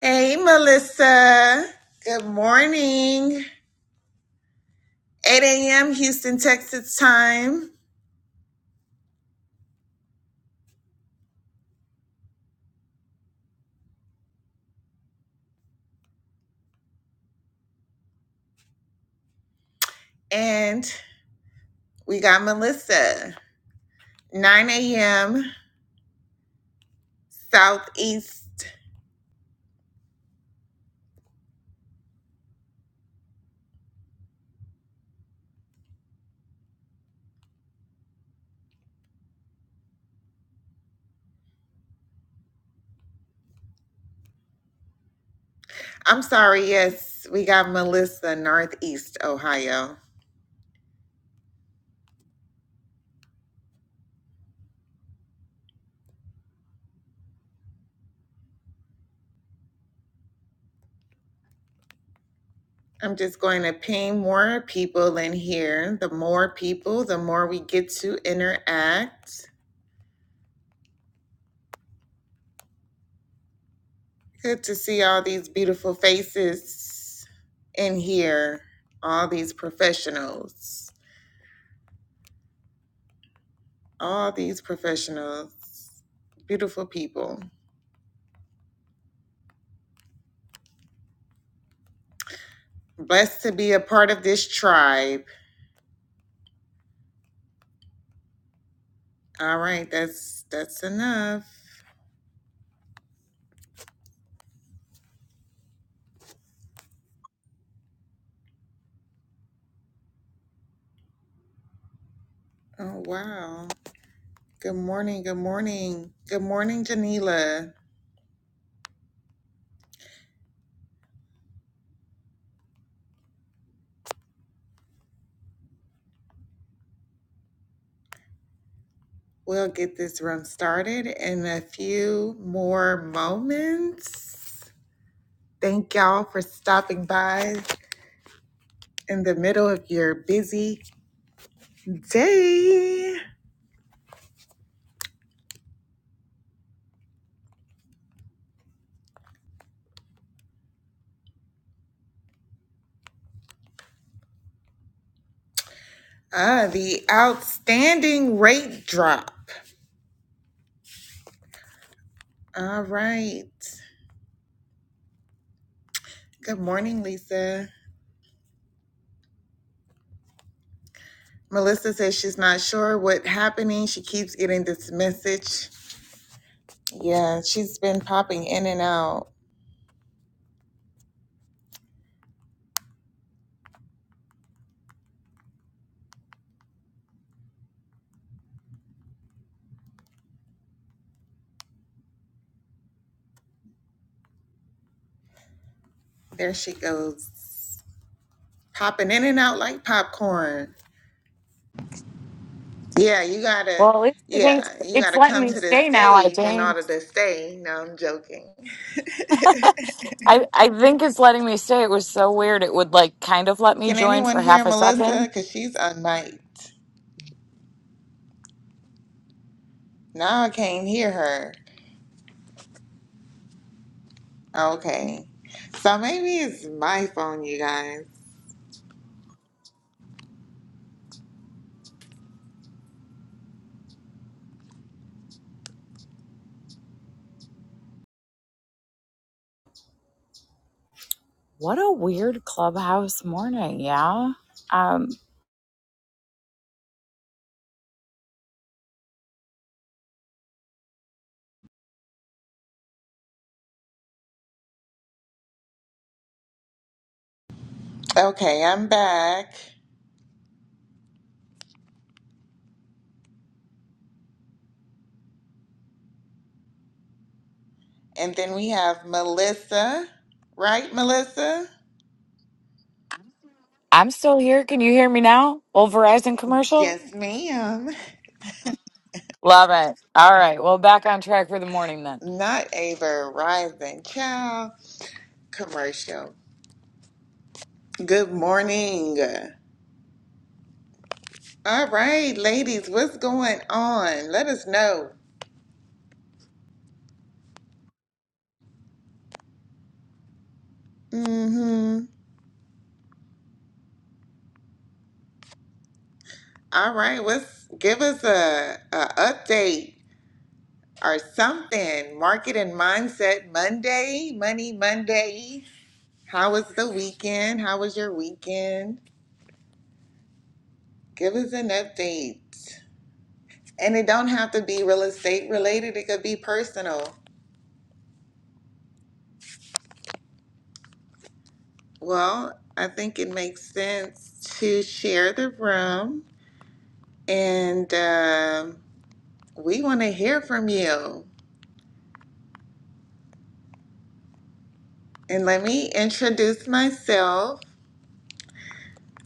Hey, Melissa. Good morning. 8 a.m. Houston, Texas time. And we got Melissa. 9 a.m. Southeast. I'm sorry, yes, we got Melissa, Northeast Ohio. I'm just going to ping more people in here. The more people, the more we get to interact. Good to see all these beautiful faces in here, all these professionals. all these professionals, beautiful people. Blessed to be a part of this tribe. All right, that's that's enough. Oh wow. Good morning, good morning. Good morning, Janila. We'll get this room started in a few more moments. Thank y'all for stopping by in the middle of your busy day. Ah, the outstanding rate drop. All right. Good morning, Lisa. Melissa says she's not sure what's happening. She keeps getting this message. Yeah, she's been popping in and out. There she goes. Popping in and out like popcorn. Yeah, you gotta Well, at least I think yeah, you it's gotta letting come me to the stay now. I stage in think. order to stay. No, I'm joking. I I think it's letting me stay. It was so weird. It would like kind of let me Can join anyone for hear half a Melissa? second. Cause she's unmiked. Now I can't hear her. Okay. So maybe it's my phone, you guys. What a weird clubhouse morning. Yeah. Um, Okay, I'm back. And then we have Melissa, right, Melissa? I'm still here. Can you hear me now? Old Verizon commercial. Yes, ma'am. Love it. All right. Well, back on track for the morning then. Not a Verizon child commercial. Good morning. All right, ladies, what's going on? Let us know. Mm-hmm. All right, right, let's give us a, a update or something. Market and Mindset Monday, Money Monday. How was the weekend? How was your weekend? Give us an update. And it don't have to be real estate related, it could be personal. Well, I think it makes sense to share the room and um, we want to hear from you. And let me introduce myself.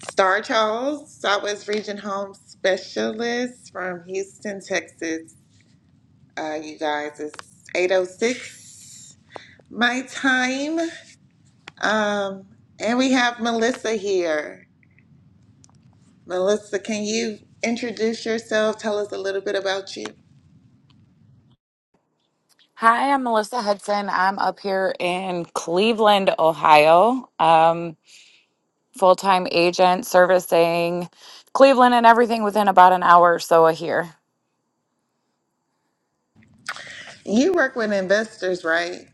Star Charles, Southwest Region Home Specialist from Houston, Texas. Uh, you guys, it's 806 my time. Um, and we have Melissa here. Melissa, can you introduce yourself? Tell us a little bit about you. Hi, I'm Melissa Hudson. I'm up here in Cleveland, Ohio. Um, full time agent servicing Cleveland and everything within about an hour or so of here. You work with investors, right?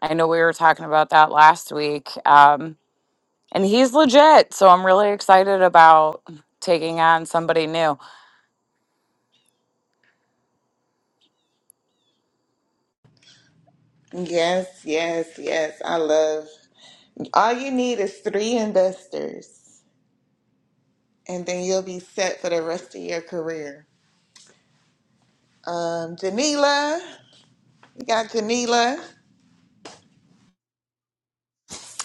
I know we were talking about that last week. Um, and he's legit. So I'm really excited about taking on somebody new. Yes, yes, yes. I love. All you need is three investors, and then you'll be set for the rest of your career. Um, Janila, we got Janila.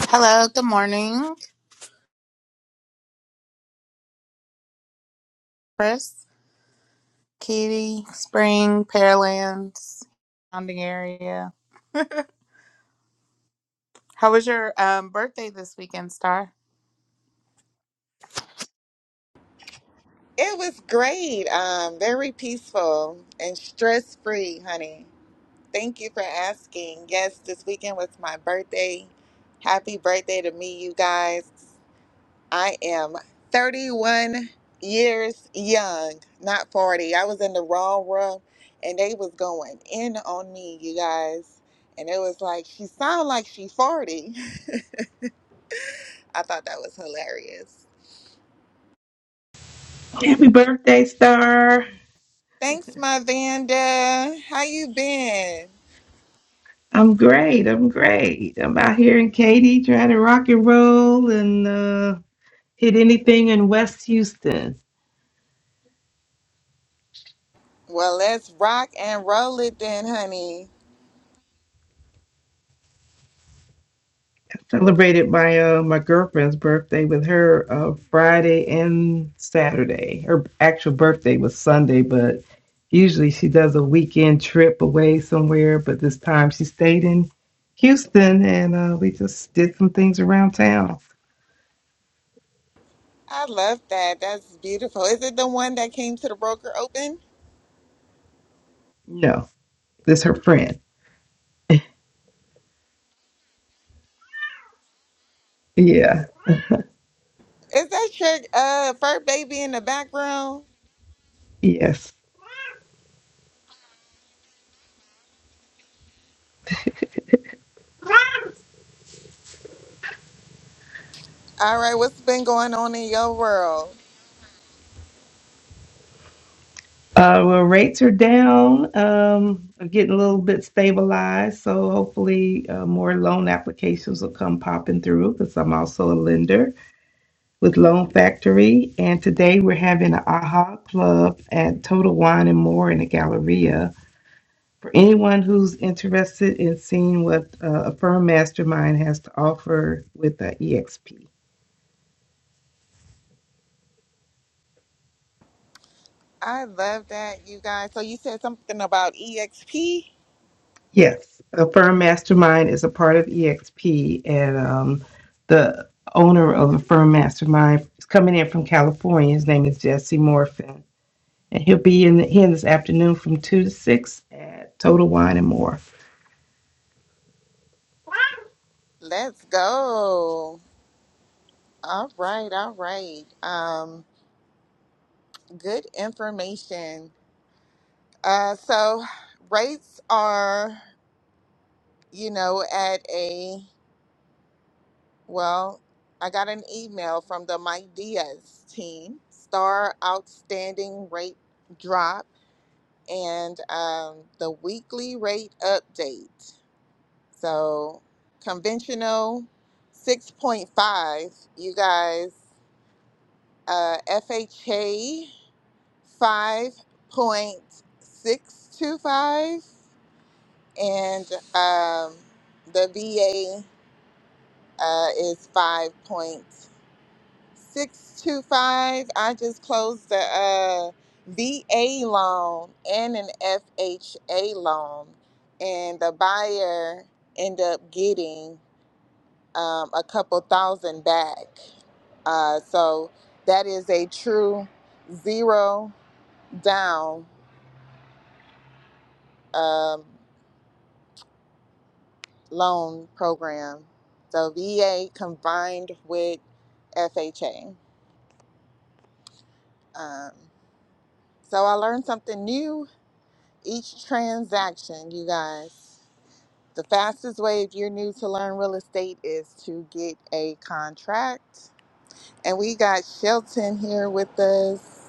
Hello, good morning, Chris, Kitty, Spring, Pearlands, surrounding area. How was your um, birthday this weekend, Star? It was great. Um, very peaceful and stress free, honey. Thank you for asking. Yes, this weekend was my birthday. Happy birthday to me, you guys. I am 31 years young, not 40. I was in the wrong room and they was going in on me, you guys. And it was like, she sound like she 40. I thought that was hilarious. Happy birthday, Star. Thanks, my Vanda. How you been? I'm great. I'm great. I'm out here in Katy trying to rock and roll and uh, hit anything in West Houston. Well, let's rock and roll it then, honey. Celebrated my uh, my girlfriend's birthday with her uh, Friday and Saturday. Her actual birthday was Sunday, but usually she does a weekend trip away somewhere. But this time she stayed in Houston and uh, we just did some things around town. I love that. That's beautiful. Is it the one that came to the broker open? No, this her friend. Yeah. Is that your uh, fur baby in the background? Yes. All right, what's been going on in your world? Uh, well, rates are down, um, are getting a little bit stabilized. So hopefully, uh, more loan applications will come popping through because I'm also a lender with Loan Factory. And today we're having an AHA Club at Total Wine and More in the Galleria. For anyone who's interested in seeing what uh, a firm mastermind has to offer with the EXP. I love that, you guys. So you said something about EXP? Yes, a firm mastermind is a part of EXP, and um, the owner of the firm mastermind is coming in from California. His name is Jesse Morfin, and he'll be in here this afternoon from two to six at Total Wine and More. Let's go. All right, all right. Um, good information. Uh, so rates are, you know, at a, well, I got an email from the Mike Diaz team, star outstanding rate drop and um, the weekly rate update. So conventional 6.5, you guys, uh, FHA 5.625, and um, the VA uh, is 5.625. I just closed the uh, VA loan and an FHA loan, and the buyer ended up getting um, a couple thousand back. Uh, so that is a true zero down um, loan program. So VA combined with FHA. Um, so I learned something new each transaction, you guys. The fastest way if you're new to learn real estate is to get a contract. And we got Shelton here with us.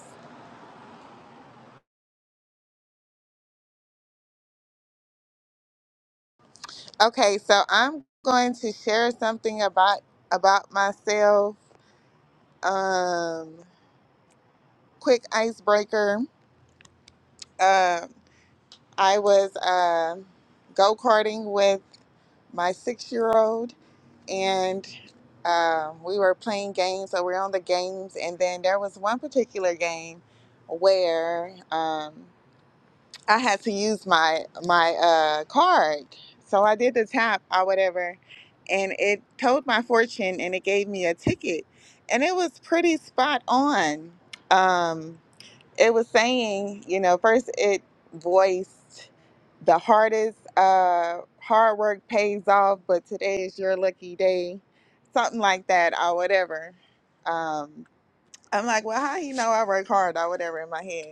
Okay, so I'm going to share something about about myself. Um, quick icebreaker. Um, I was uh, go karting with my six year old, and um, we were playing games. So we're on the games, and then there was one particular game where. um, I had to use my my uh, card. So I did the tap or whatever, and it told my fortune and it gave me a ticket, and it was pretty spot on. Um, it was saying, you know, first it voiced the hardest uh, hard work pays off, but today is your lucky day, something like that or whatever. Um, I'm like, well, how you know I work hard or whatever in my head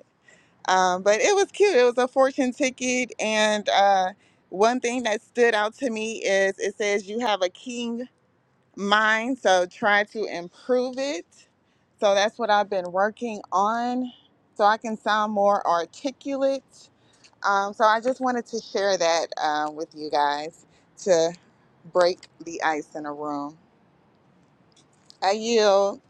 um, but it was cute. It was a fortune ticket. And uh, one thing that stood out to me is it says you have a king mind, so try to improve it. So that's what I've been working on so I can sound more articulate. Um, so I just wanted to share that uh, with you guys to break the ice in a room. I yield.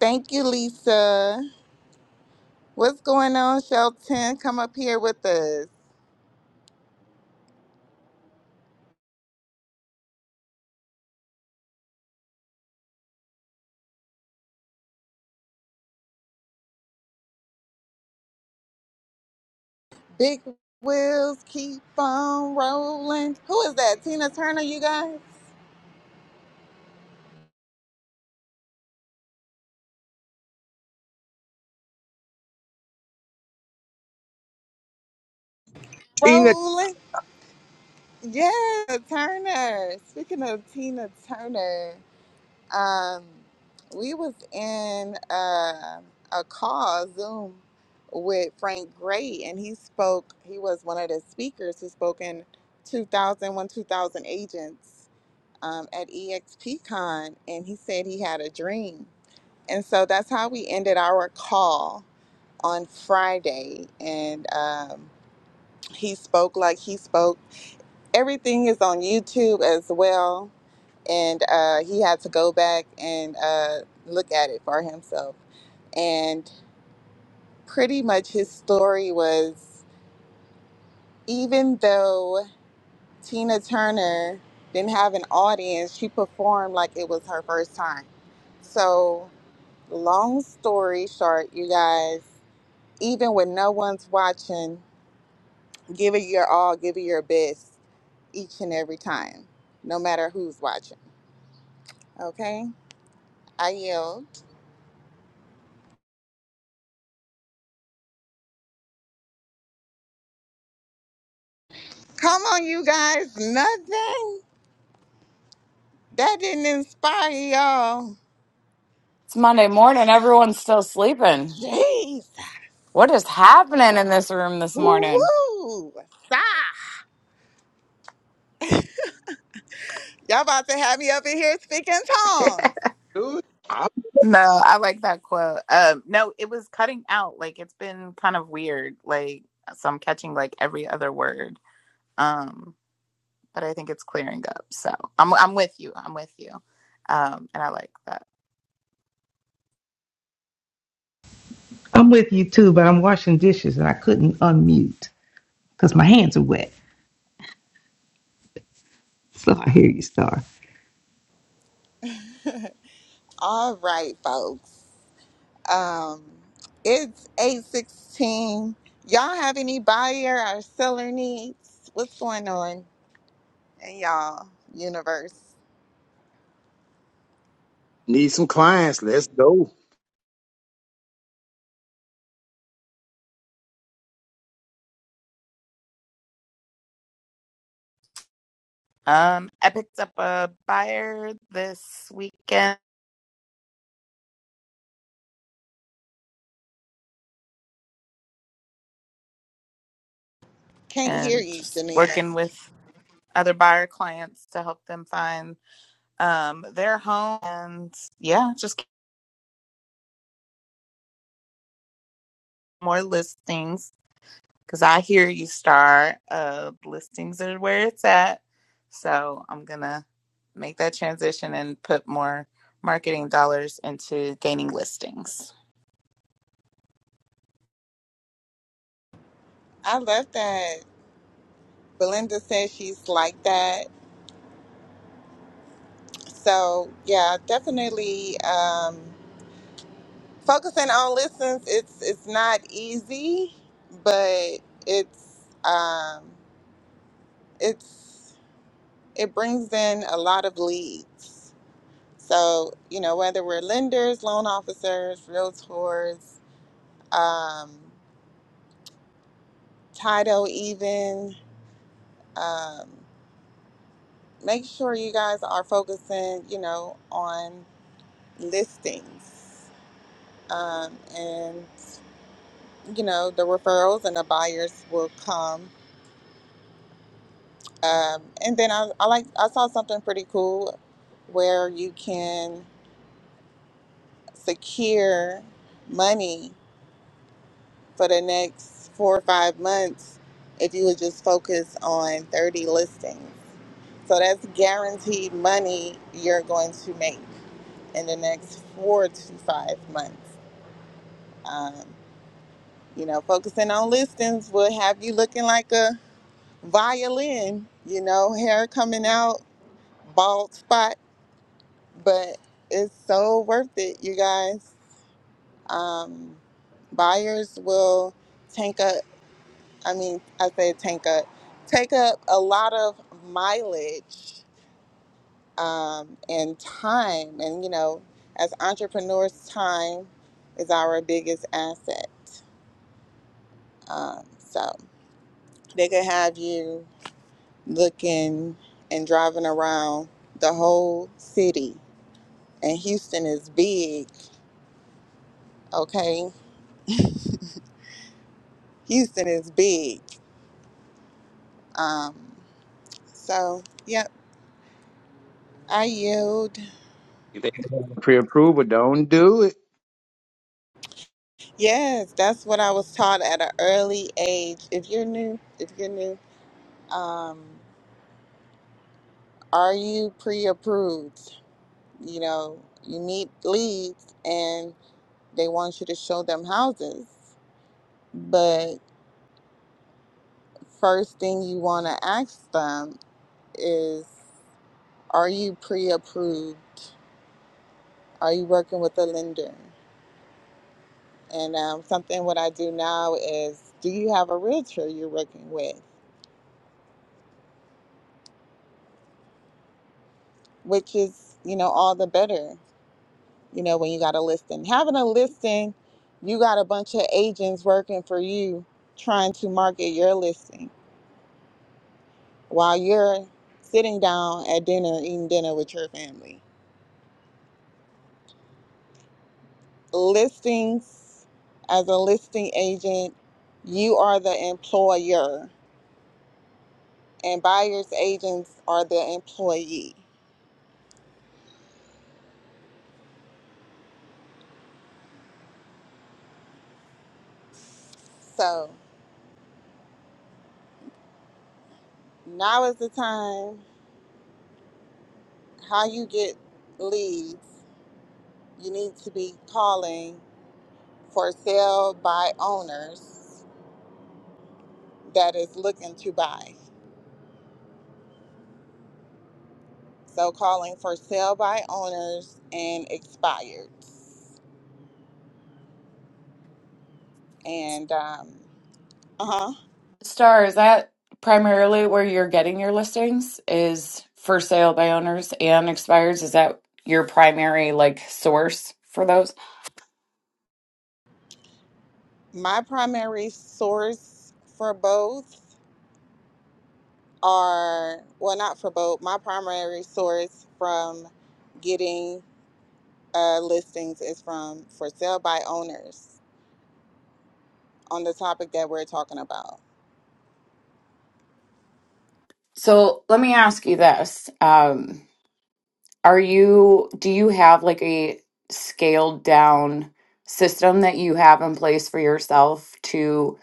Thank you, Lisa. What's going on, Shelton? Come up here with us. Big wheels keep on rolling. Who is that? Tina Turner, you guys? Tina, Rolling. Yeah, Turner. Speaking of Tina Turner, um, we was in uh, a call Zoom with Frank Gray, and he spoke. He was one of the speakers who spoke in 2001, 2000 agents um, at EXPCon, and he said he had a dream. And so that's how we ended our call. on Friday, and um, he spoke like he spoke. Everything is on YouTube as well, and uh, he had to go back and uh, look at it for himself. And pretty much his story was even though Tina Turner didn't have an audience, she performed like it was her first time. So, long story short, you guys, even when no one's watching, Give it your all, give it your best each and every time, no matter who's watching. Okay? I yield. Come on, you guys. Nothing. That didn't inspire y'all. It's Monday morning. Everyone's still sleeping. Jeez. What is happening in this room this morning? Woo! Stop. Y'all about to have me up in here speaking tongues. do it. I No, I like that quote. Um, no, it was cutting out. Like it's been kind of weird. Like so, I'm catching like every other word. Um, but I think it's clearing up. So I'm I'm with you. I'm with you. Um, and I like that. I'm with you too, but I'm washing dishes and I couldn't unmute because my hands are wet. So I hear you, Star. All right, folks. Um, it's 816. Y'all have any buyer or seller needs? What's going on in y'all universe? need some clients. Let's go. Um, I picked up a buyer this weekend Can't hear and you, just Janita. working with other buyer clients to help them find um, their home. And yeah, just more listings because I hear you, Star. Uh, listings are where it's at. So I'm going to make that transition and put more marketing dollars into gaining listings. I love that. Belinda says she's like that. So yeah, definitely um, focusing on listens. It's it's not easy, but it's um, it's it brings in a lot of leads. So you know whether we're lenders, loan officers, realtors, um, title, even. Um, make sure you guys are focusing, you know, on listings. Um, and, you know, the referrals and the buyers will come. Um, and then I, I like, I saw something pretty cool where you can secure money for the next four or five months if you would just focus on 30 listings. So that's guaranteed money you're going to make in the next four to five months. Um, You know, focusing on listings will have you looking like a violin, you know, hair coming out, bald spot, but it's so worth it, you guys. Um, buyers will tank up, I mean, I say tank up, take up a lot of mileage um, and time. And, you know, as entrepreneurs, time is our biggest asset. Um, so they could have you looking and driving around the whole city. And Houston is big, okay? Houston is big. Um, so, yep, I yield. If they pre approval, don't do it. Yes, that's what I was taught at an early age. If you're new, if you're new, um, are you pre approved? You know, you need leads and they want you to show them houses. But first thing you want to ask them is are you pre-approved are you working with a lender and um, something what i do now is do you have a realtor you're working with which is you know all the better you know when you got a listing having a listing you got a bunch of agents working for you trying to market your listing while you're sitting down at dinner eating dinner with your family listings as a listing agent you are the employer and buyer's agents are the employee. So now is the time how you get leads. You need to be calling for sale by owners that is looking to buy. So calling for sale by owners and expired. And um, uh huh. Star, is that primarily where you're getting your listings? Is for sale by owners and expires? Is that your primary like source for those? My primary source for both are well, not for both. My primary source from getting uh, listings is from for sale by owners on the topic that we're talking about. So let me ask you this. Um, Are you, do you have like a scaled down system that you have in place for yourself to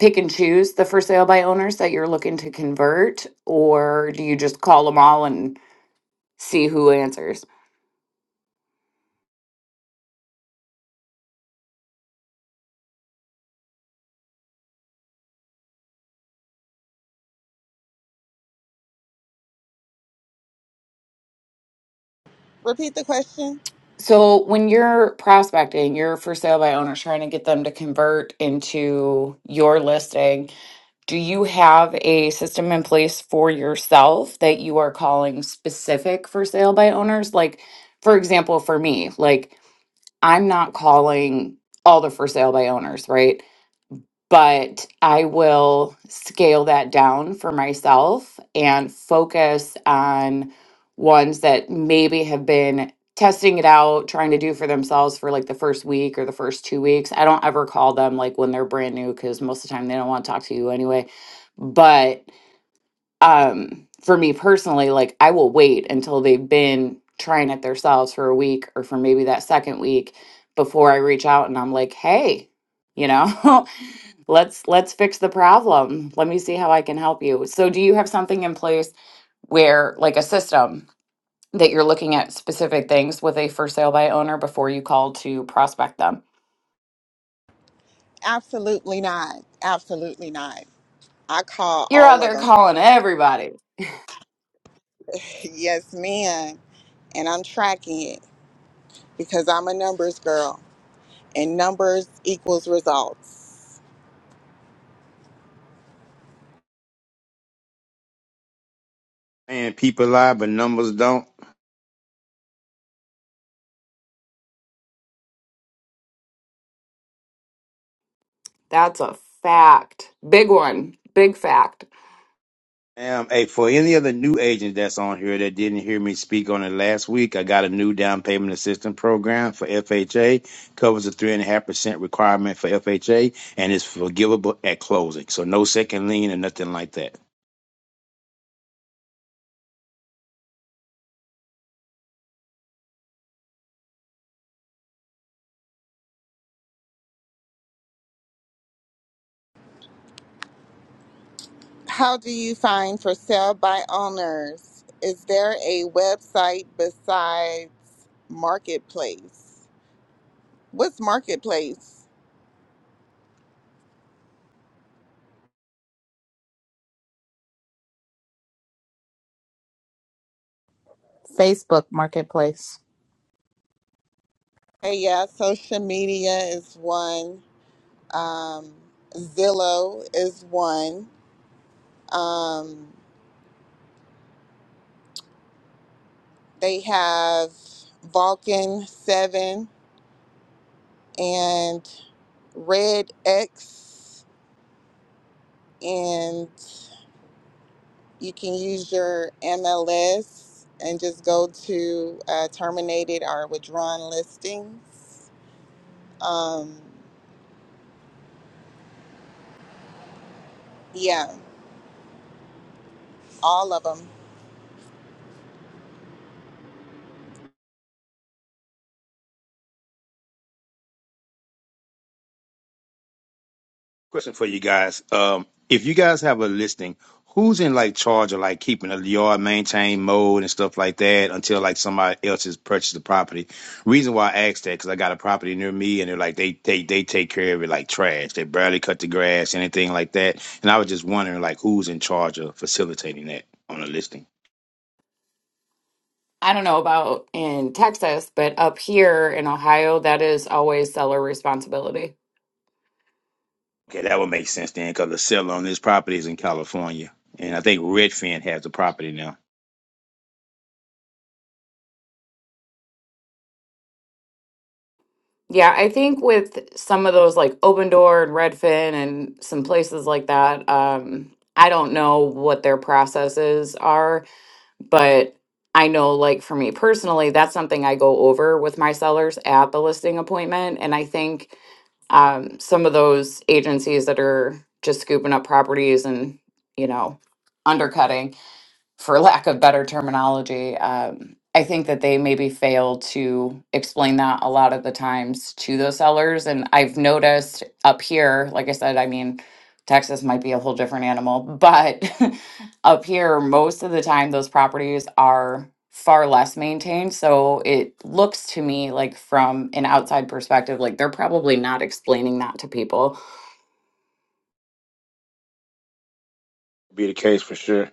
pick and choose the for sale by owners that you're looking to convert, or do you just call them all and see who answers? Repeat the question. So, when you're prospecting, you're for sale by owners trying to get them to convert into your listing Do you have a system in place for yourself that you are calling specific for sale by owners? Like, for example, for me, like I'm not calling all the for sale by owners, right? but I will scale that down for myself and focus on ones that maybe have been testing it out, trying to do for themselves for like the first week or the first two weeks. I don't ever call them like when they're brand new because most of the time they don't want to talk to you anyway. But um, for me personally, like I will wait until they've been trying it themselves for a week or for maybe that second week before I reach out and I'm like, hey, you know let's let's fix the problem let me see how i can help you so do you have something in place where like a system that you're looking at specific things with a for sale by owner before you call to prospect them Absolutely not. Absolutely not. I call you're out all of there them. calling everybody yes, ma'am. And I'm tracking it because I'm a numbers girl and numbers equals results. And people lie, but numbers don't. that's a fact big one big fact Um, hey, for any of the new agents that's on here that didn't hear me speak on it last week, I got a new down payment assistance program for FHA. Covers the three and a half percent requirement for FHA and it's forgivable at closing. So no second lien or nothing like that. How do you find for sale by owners? Is there a website besides Marketplace? What's Marketplace? Facebook Marketplace. Hey, yeah, social media is one. Um, Zillow is one. Um, they have Vulcan 7 and Red X, and you can use your MLS and just go to uh, terminated or withdrawn listings. Um, yeah, all of them. Question for you guys. Um, if you guys have a listing, who's in like charge of like keeping the yard maintained mode and stuff like that until like somebody else has purchased the property? Reason why I asked that because I got a property near me and they're like they they they take care of it like trash. They barely cut the grass, anything like that. And I was just wondering like who's in charge of facilitating that on a listing. i don't know about in texas but up here in ohio that is always seller responsibility Okay, that would make sense then because the seller on this property is in California. And I think Redfin has the property now. Yeah, I think with some of those like Open Door and Redfin and some places like that, um, I don't know what their processes are, but I know like for me personally, that's something I go over with my sellers at the listing appointment. And I think um, some of those agencies that are just scooping up properties and, you know, undercutting for lack of better terminology. Um, I think that they maybe fail to explain that a lot of the times to those sellers. And I've noticed up here, like I said, I mean, Texas might be a whole different animal, but Up here, most of the time, those properties are far less maintained. So it looks to me like, from an outside perspective, like they're probably not explaining that to people. one Be the case for sure.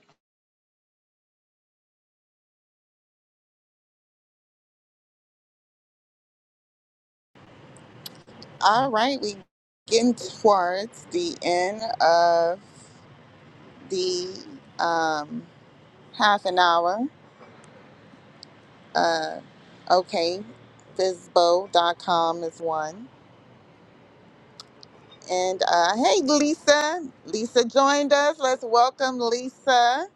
All right, we getting towards the end of. the um, half an hour. Uh, okay, Fizbo.com is one. And uh, hey, Lisa. Lisa joined us. Let's welcome Lisa.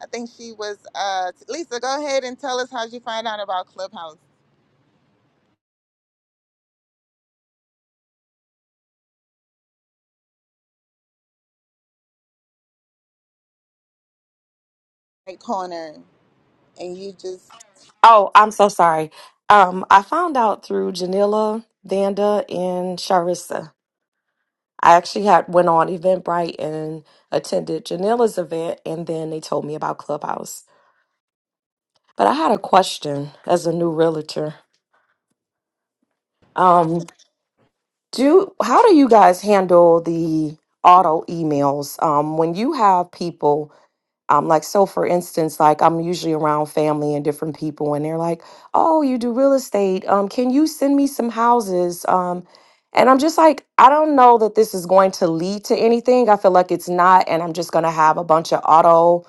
I think she was. Uh, Lisa, go ahead and tell us how you find out about Clubhouse right corner. And you just. Oh, I'm so sorry. Um, I found out through Janilla, Vanda, and Sharissa. I actually had went on Eventbrite and attended Janilla's event, and then they told me about Clubhouse. But I had a question as a new realtor. Um, do how do you guys handle the auto emails um, when you have people? Um, like so for instance, like I'm usually around family and different people and they're like, Oh, you do real estate. Um, can you send me some houses? Um, and I'm just like, I don't know that this is going to lead to anything. I feel like it's not, and I'm just gonna have a bunch of auto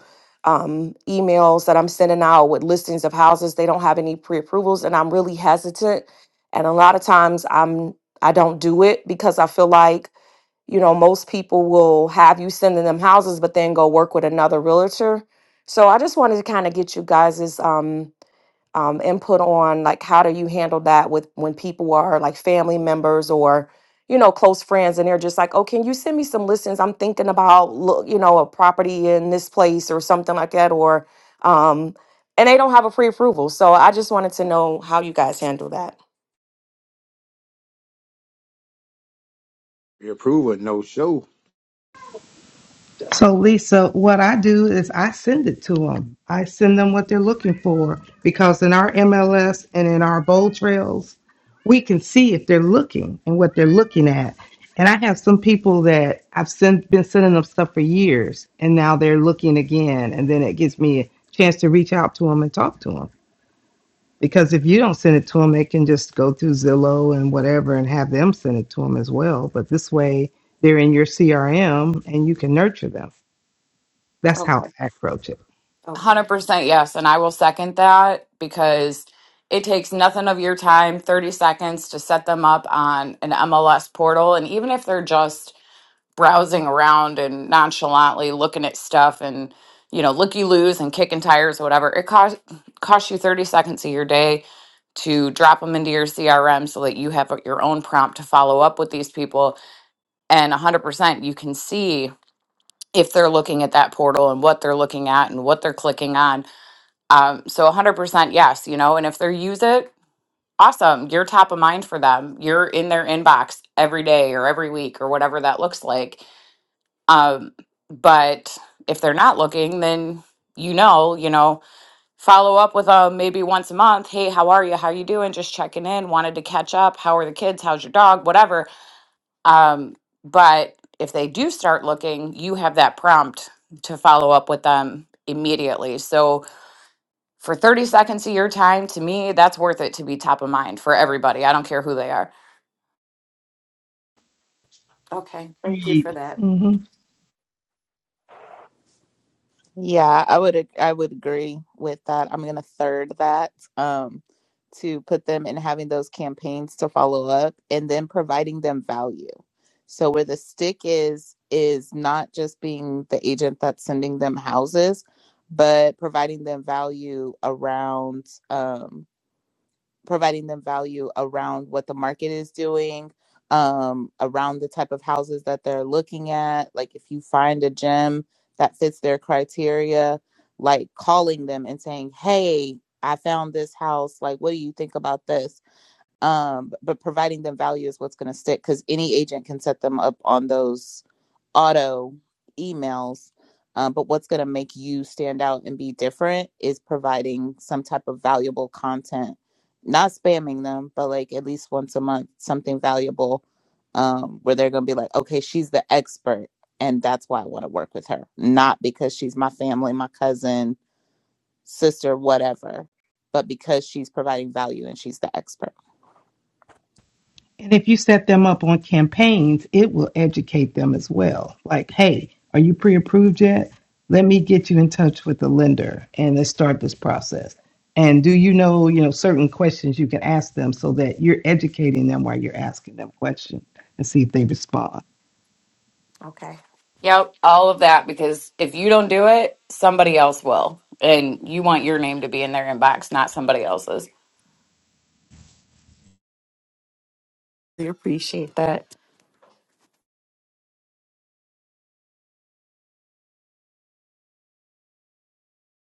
um emails that I'm sending out with listings of houses. They don't have any pre-approvals, and I'm really hesitant. And a lot of times I'm I don't do it because I feel like you know, most people will have you sending them houses, but then go work with another realtor. So I just wanted to kind of get you guys' um, um, input on like how do you handle that with when people are like family members or you know close friends and they're just like, oh, can you send me some listings? I'm thinking about look, you know, a property in this place or something like that, or um, and they don't have a pre-approval. So I just wanted to know how you guys handle that. We approve a no show So, Lisa, what I do is I send it to them. I send them what they're looking for because in our MLS and in our bowl trails, we can see if they're looking and what they're looking at. And I have some people that I've sent, been sending them stuff for years, and now they're looking again. And then it gives me a chance to reach out to them and talk to them. Because if you don't send it to them, they can just go through Zillow and whatever and have them send it to them as well. But this way, they're in your CRM and you can nurture them. That's how Okay. I approach it. Okay. Hundred percent yes, and I will second that because it takes nothing of your time, thirty seconds to set them up on an MLS portal, and even if they're just browsing around and nonchalantly looking at stuff and you know looky loos and kicking tires whatever it costs costs you 30 seconds of your day to drop them into your crm so that you have your own prompt to follow up with these people and 100% you can see if they're looking at that portal and what they're looking at and what they're clicking on um, so 100% yes you know and if they use it awesome you're top of mind for them you're in their inbox every day or every week or whatever that looks like um, but if they're not looking, then you know, you know, follow up with them maybe once a month. Hey, how are you? How you doing? Just checking in. Wanted to catch up. How are the kids? How's your dog? Whatever. Um, but if they do start looking, you have that prompt to follow up with them immediately. So for 30 seconds of your time, to me, that's worth it to be top of mind for everybody. I don't care who they are. Okay. Thank you for read. that. hmm Yeah, I would I would agree with that. I'm gonna third that um, to put them in having those campaigns to follow up and then providing them value. So where the stick is is not just being the agent that's sending them houses, but providing them value around. Um, providing them value around what the market is doing, um, around the type of houses that they're looking at. Like if you find a gem that fits their criteria, like calling them and saying, "Hey, I found this house. Like, what do you think about this?" Um, but providing them value is what's going to stick because any agent can set them up on those auto emails. Um, but what's going to make you stand out and be different is providing some type of valuable content, not spamming them, but like at least once a month, something valuable um, where they're going to be like, okay, she's the expert. And that's why I want to work with her, not because she's my family, my cousin, sister, whatever, but because she's providing value and she's the expert. And if you set them up on campaigns, it will educate them as well. Like, hey, are you pre approved yet? Let me get you in touch with the lender and let's start this process. And do you know, you know, certain questions you can ask them so that you're educating them while you're asking them questions and see if they respond. Okay. Yep, all of that because if you don't do it, somebody else will. And you want your name to be in their inbox, not somebody else's. We appreciate that.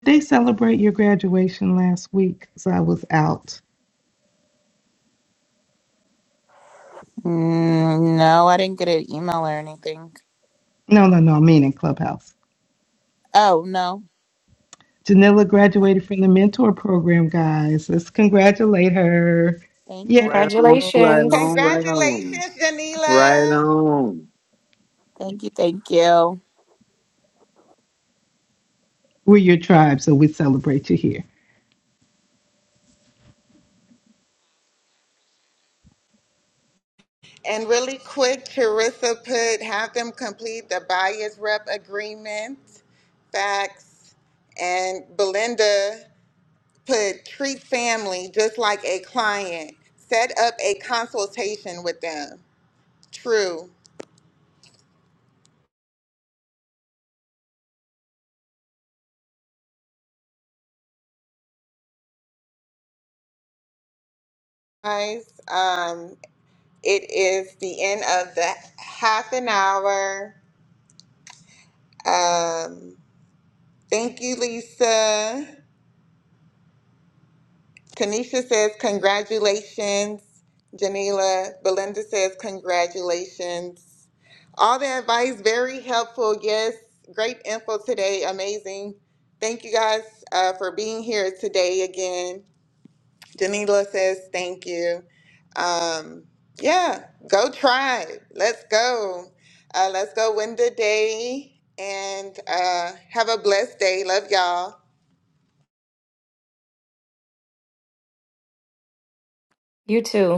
Did they celebrate your graduation last week? Because I was out. Mm, no, I didn't get an email or anything. No, no, no, I mean in Clubhouse. Oh, no. Janilla graduated from the mentor program, guys. Let's congratulate her. Thank Yay. you. Right on, right on, right on, Congratulations, Janila. right on. Thank you. Thank you. We're your tribe, so we celebrate you here. And really quick, Charissa put have them complete the buyer's rep agreement, facts, and Belinda put treat family just like a client. Set up a consultation with them. True. Guys, um, it is the end of the half an hour. Um, thank you, Lisa. Tanisha says, Congratulations. Janila, Belinda says, Congratulations. All the advice, very helpful. Yes, great info today. Amazing. Thank you guys uh, for being here today again. Janila says, Thank you. Um, yeah, go try. Let's go. Uh, let's go win the day and uh, have a blessed day. Love y'all. You too.